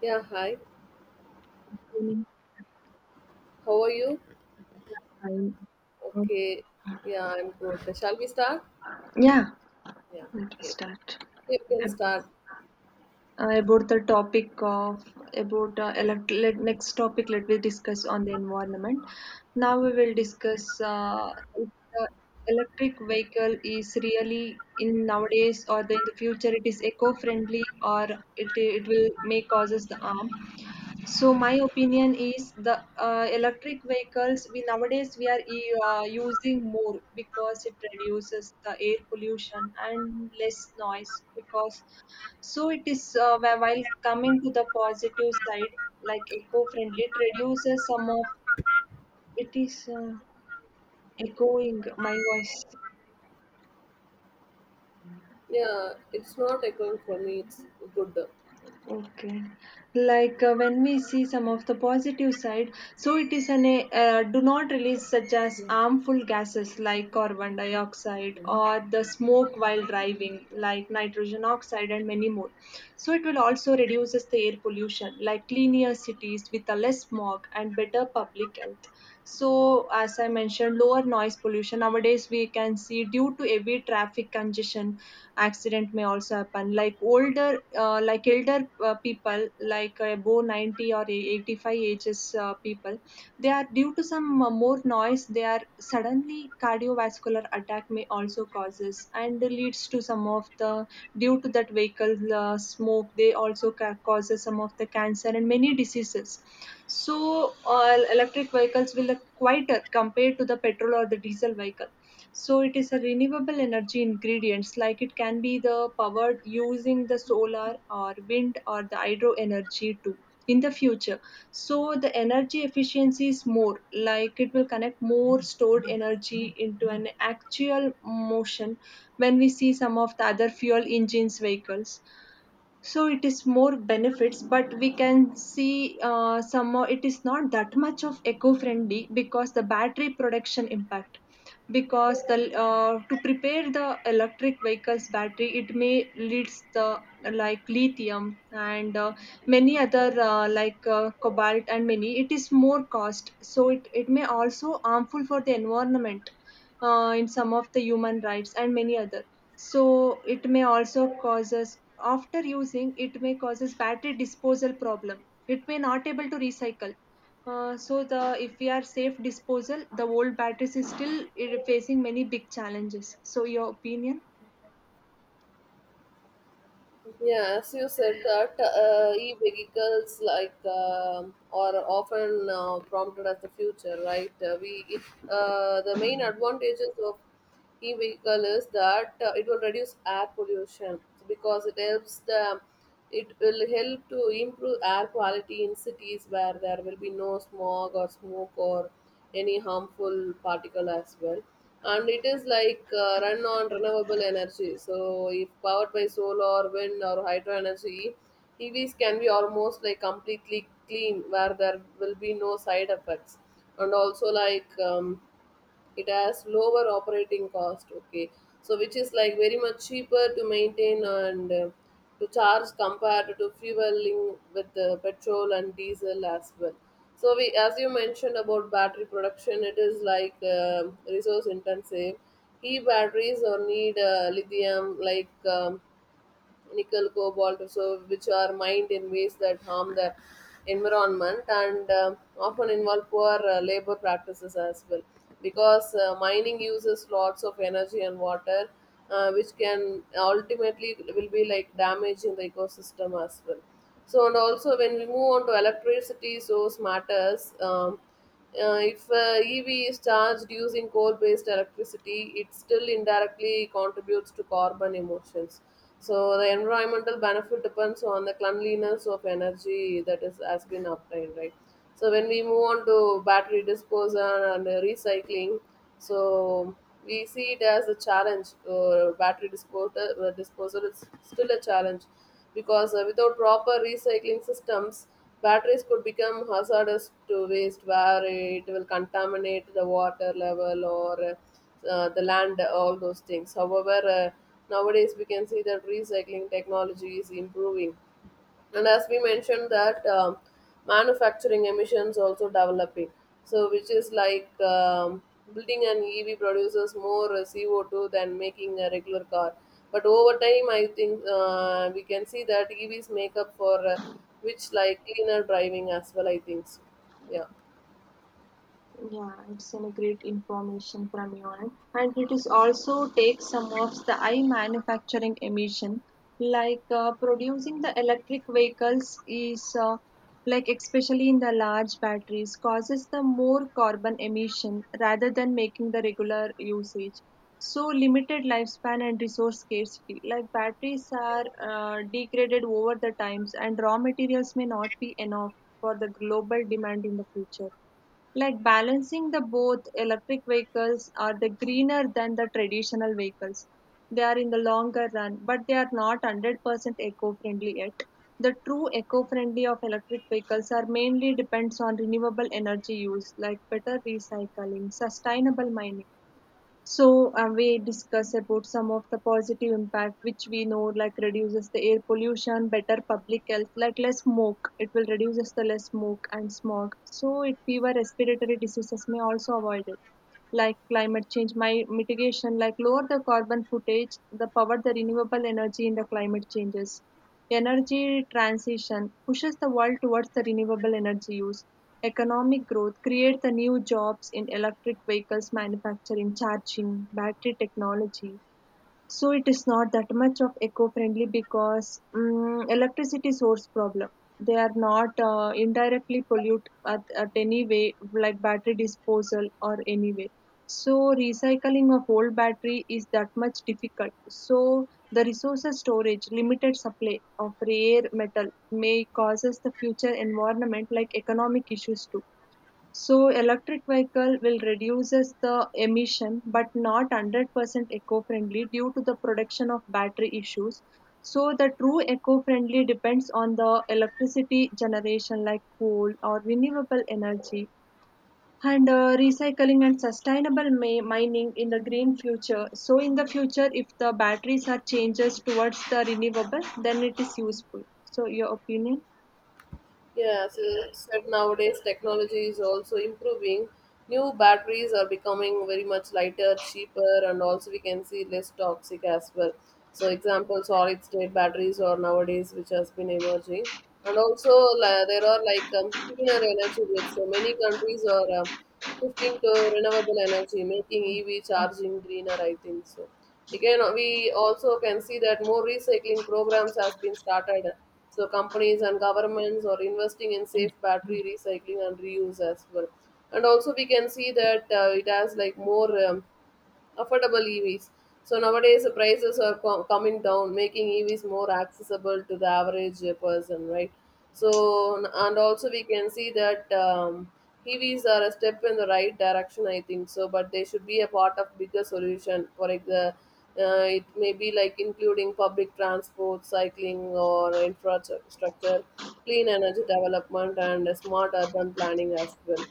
Yeah, hi. Evening How are you? time. Um, Okay. Yeah, I'm good. Shall we start? Yeah, Yeah, let me okay. start. You can Ab- start. About the topic of next topic let me discuss on the environment. Now we will discuss uh, if the electric vehicle is really in nowadays or in the future it is eco-friendly or it will may causes the harm. So my opinion is the electric vehicles we nowadays we are using more because it reduces the air pollution and less noise because so it is while coming to the positive side, like eco friendly it reduces some of it is echoing my voice. Yeah, it's not echoing for me. It's good. Okay. Like when we see some of the positive side, so it is an do not release such as harmful gases like carbon dioxide or the smoke while driving, like nitrogen oxide and many more. So it will also reduces the air pollution like cleaner cities with a less smog and better public health. So, as I mentioned, lower noise pollution nowadays we can see due to heavy traffic congestion, accident may also happen. Like older, like elder people, like above 90 or 85 ages people, they are due to some more noise. They are suddenly cardiovascular attack may also causes and leads to some of the due to that vehicle smoke. They also causes some of the cancer and many diseases. So electric vehicles will quieter compared to the petrol or the diesel vehicle. So it is a renewable energy ingredients, like it can be the powered using the solar or wind or the hydro energy too in the future. So the energy efficiency is more, like it will connect more stored energy into an actual motion when we see some of the other fuel engines vehicles. So it is more benefits, but we can see somehow it is not that much of eco-friendly because the battery production impact. Because the to prepare the electric vehicles battery, it may leads the like lithium and many other cobalt and many, it is more cost, so it may also harmful for the environment, in some of the human rights and many other. So it may also causes after using, it may causes battery disposal problem, it may not able to recycle. So the if we are safe disposal, the old batteries is still facing many big challenges. So your opinion? Yeah, as you said that e-vehicles like are often prompted as the future, right? The main advantages of e-vehicle is that it will reduce air pollution because it will help to improve air quality in cities where there will be no smog or smoke or any harmful particle as well, and it is like run on renewable energy. So if powered by solar wind or hydro energy, EVs can be almost like completely clean, where there will be no side effects. And also like it has lower operating cost, okay, so which is like very much cheaper to maintain and to charge compared to fueling with the petrol and diesel as well. So we, as you mentioned about battery production, it is like resource intensive. E batteries or need lithium, like nickel, cobalt, so which are mined in ways that harm the environment and often involve poor labor practices as well. Because mining uses lots of energy and water, which can ultimately will be like damage in the ecosystem as well. So, and also when we move on to electricity source matters. If EV is charged using coal-based electricity, it still indirectly contributes to carbon emissions. So the environmental benefit depends on the cleanliness of energy that is has been obtained, right? So when we move on to battery disposal and recycling, so we see it as a challenge. Disposal is still a challenge because without proper recycling systems, batteries could become hazardous to waste where it will contaminate the water level or the land, all those things. However, nowadays we can see that recycling technology is improving, and as we mentioned that manufacturing emissions also developing, so which is like building an EV produces more CO2 than making a regular car, but over time I think we can see that EVs make up for which like cleaner driving as well, I think so. Yeah. Yeah, it's a great information from you, end. And it is also takes some of the high manufacturing emission, like producing the electric vehicles is like especially in the large batteries causes the more carbon emission rather than making the regular usage. So limited lifespan and resource scarcity, like batteries are degraded over the times, and raw materials may not be enough for the global demand in the future, like balancing the both. Electric vehicles are the greener than the traditional vehicles, they are in the longer run, but they are not 100% eco-friendly yet. The true eco-friendly of electric vehicles are mainly depends on renewable energy use, like better recycling, sustainable mining. So we discuss about some of the positive impact which we know, like reduces the air pollution, better public health, like less smoke. It will reduces the less smoke and smog, so it fever respiratory diseases may also avoided. Like climate change my mitigation, like lower the carbon footage, the power the renewable energy in the climate changes. Energy transition pushes the world towards the renewable energy use. Economic growth create the new jobs in electric vehicles manufacturing, charging, battery technology. So it is not that much of eco-friendly because electricity source problem. They are not indirectly pollute at any way, like battery disposal or any way. So recycling of old battery is that much difficult. So the resources storage, limited supply of rare metal may causes the future environment like economic issues too. So electric vehicle will reduces the emission, but not 100% eco-friendly due to the production of battery issues. So the true eco-friendly depends on the electricity generation like coal or renewable energy and recycling and sustainable mining in the green future. So in the future, if the batteries are changes towards the renewable, then it is useful. So your opinion? Yeah, as you said, nowadays technology is also improving. New batteries are becoming very much lighter, cheaper, and also we can see less toxic as well. So, example, solid state batteries are nowadays which has been emerging, and there are like cleaner energy grids. So many countries are shifting to renewable energy, making EV charging greener, I think so. Again, we also can see that more recycling programs has been started. So companies and governments are investing in safe battery recycling and reuse as well. And also we can see that it has like more affordable EVs. So nowadays the prices are coming down, making EVs more accessible to the average person, right? So and also we can see that EVs are a step in the right direction, I think so. But they should be a part of bigger solution. For example, it may be like including public transport, cycling, or infrastructure, clean energy development, and smart urban planning as well.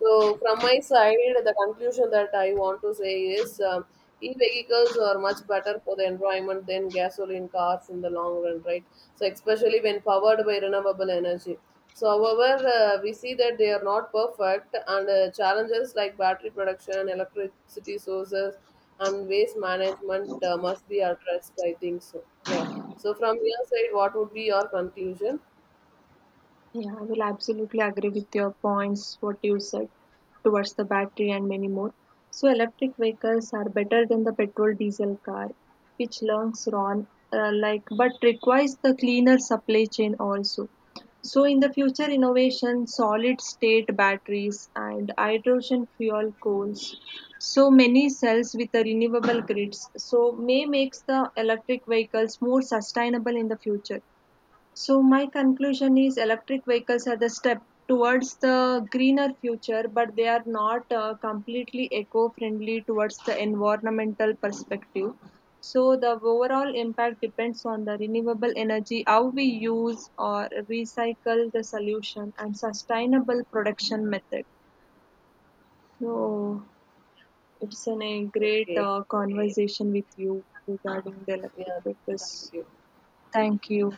So, from my side, the conclusion that I want to say is e vehicles are much better for the environment than gasoline cars in the long run, right? So, especially when powered by renewable energy. So, however, we see that they are not perfect, and challenges like battery production, electricity sources, and waste management must be addressed, I think so. Yeah. So, from your side, what would be your conclusion? Yeah, I will absolutely agree with your points, what you said towards the battery and many more. So, electric vehicles are better than the petrol diesel car, which learns on like but requires the cleaner supply chain also. So, in the future innovation, solid state batteries and hydrogen fuel coals, so many cells with the renewable grids, so may makes the electric vehicles more sustainable in the future. So my conclusion is electric vehicles are the step towards the greener future, but they are not completely eco-friendly towards the environmental perspective. So the overall impact depends on the renewable energy, how we use or recycle the solution, and sustainable production method. So it's a great Okay. Conversation with you regarding the electric Yeah. Thank vehicles. you. Thank you.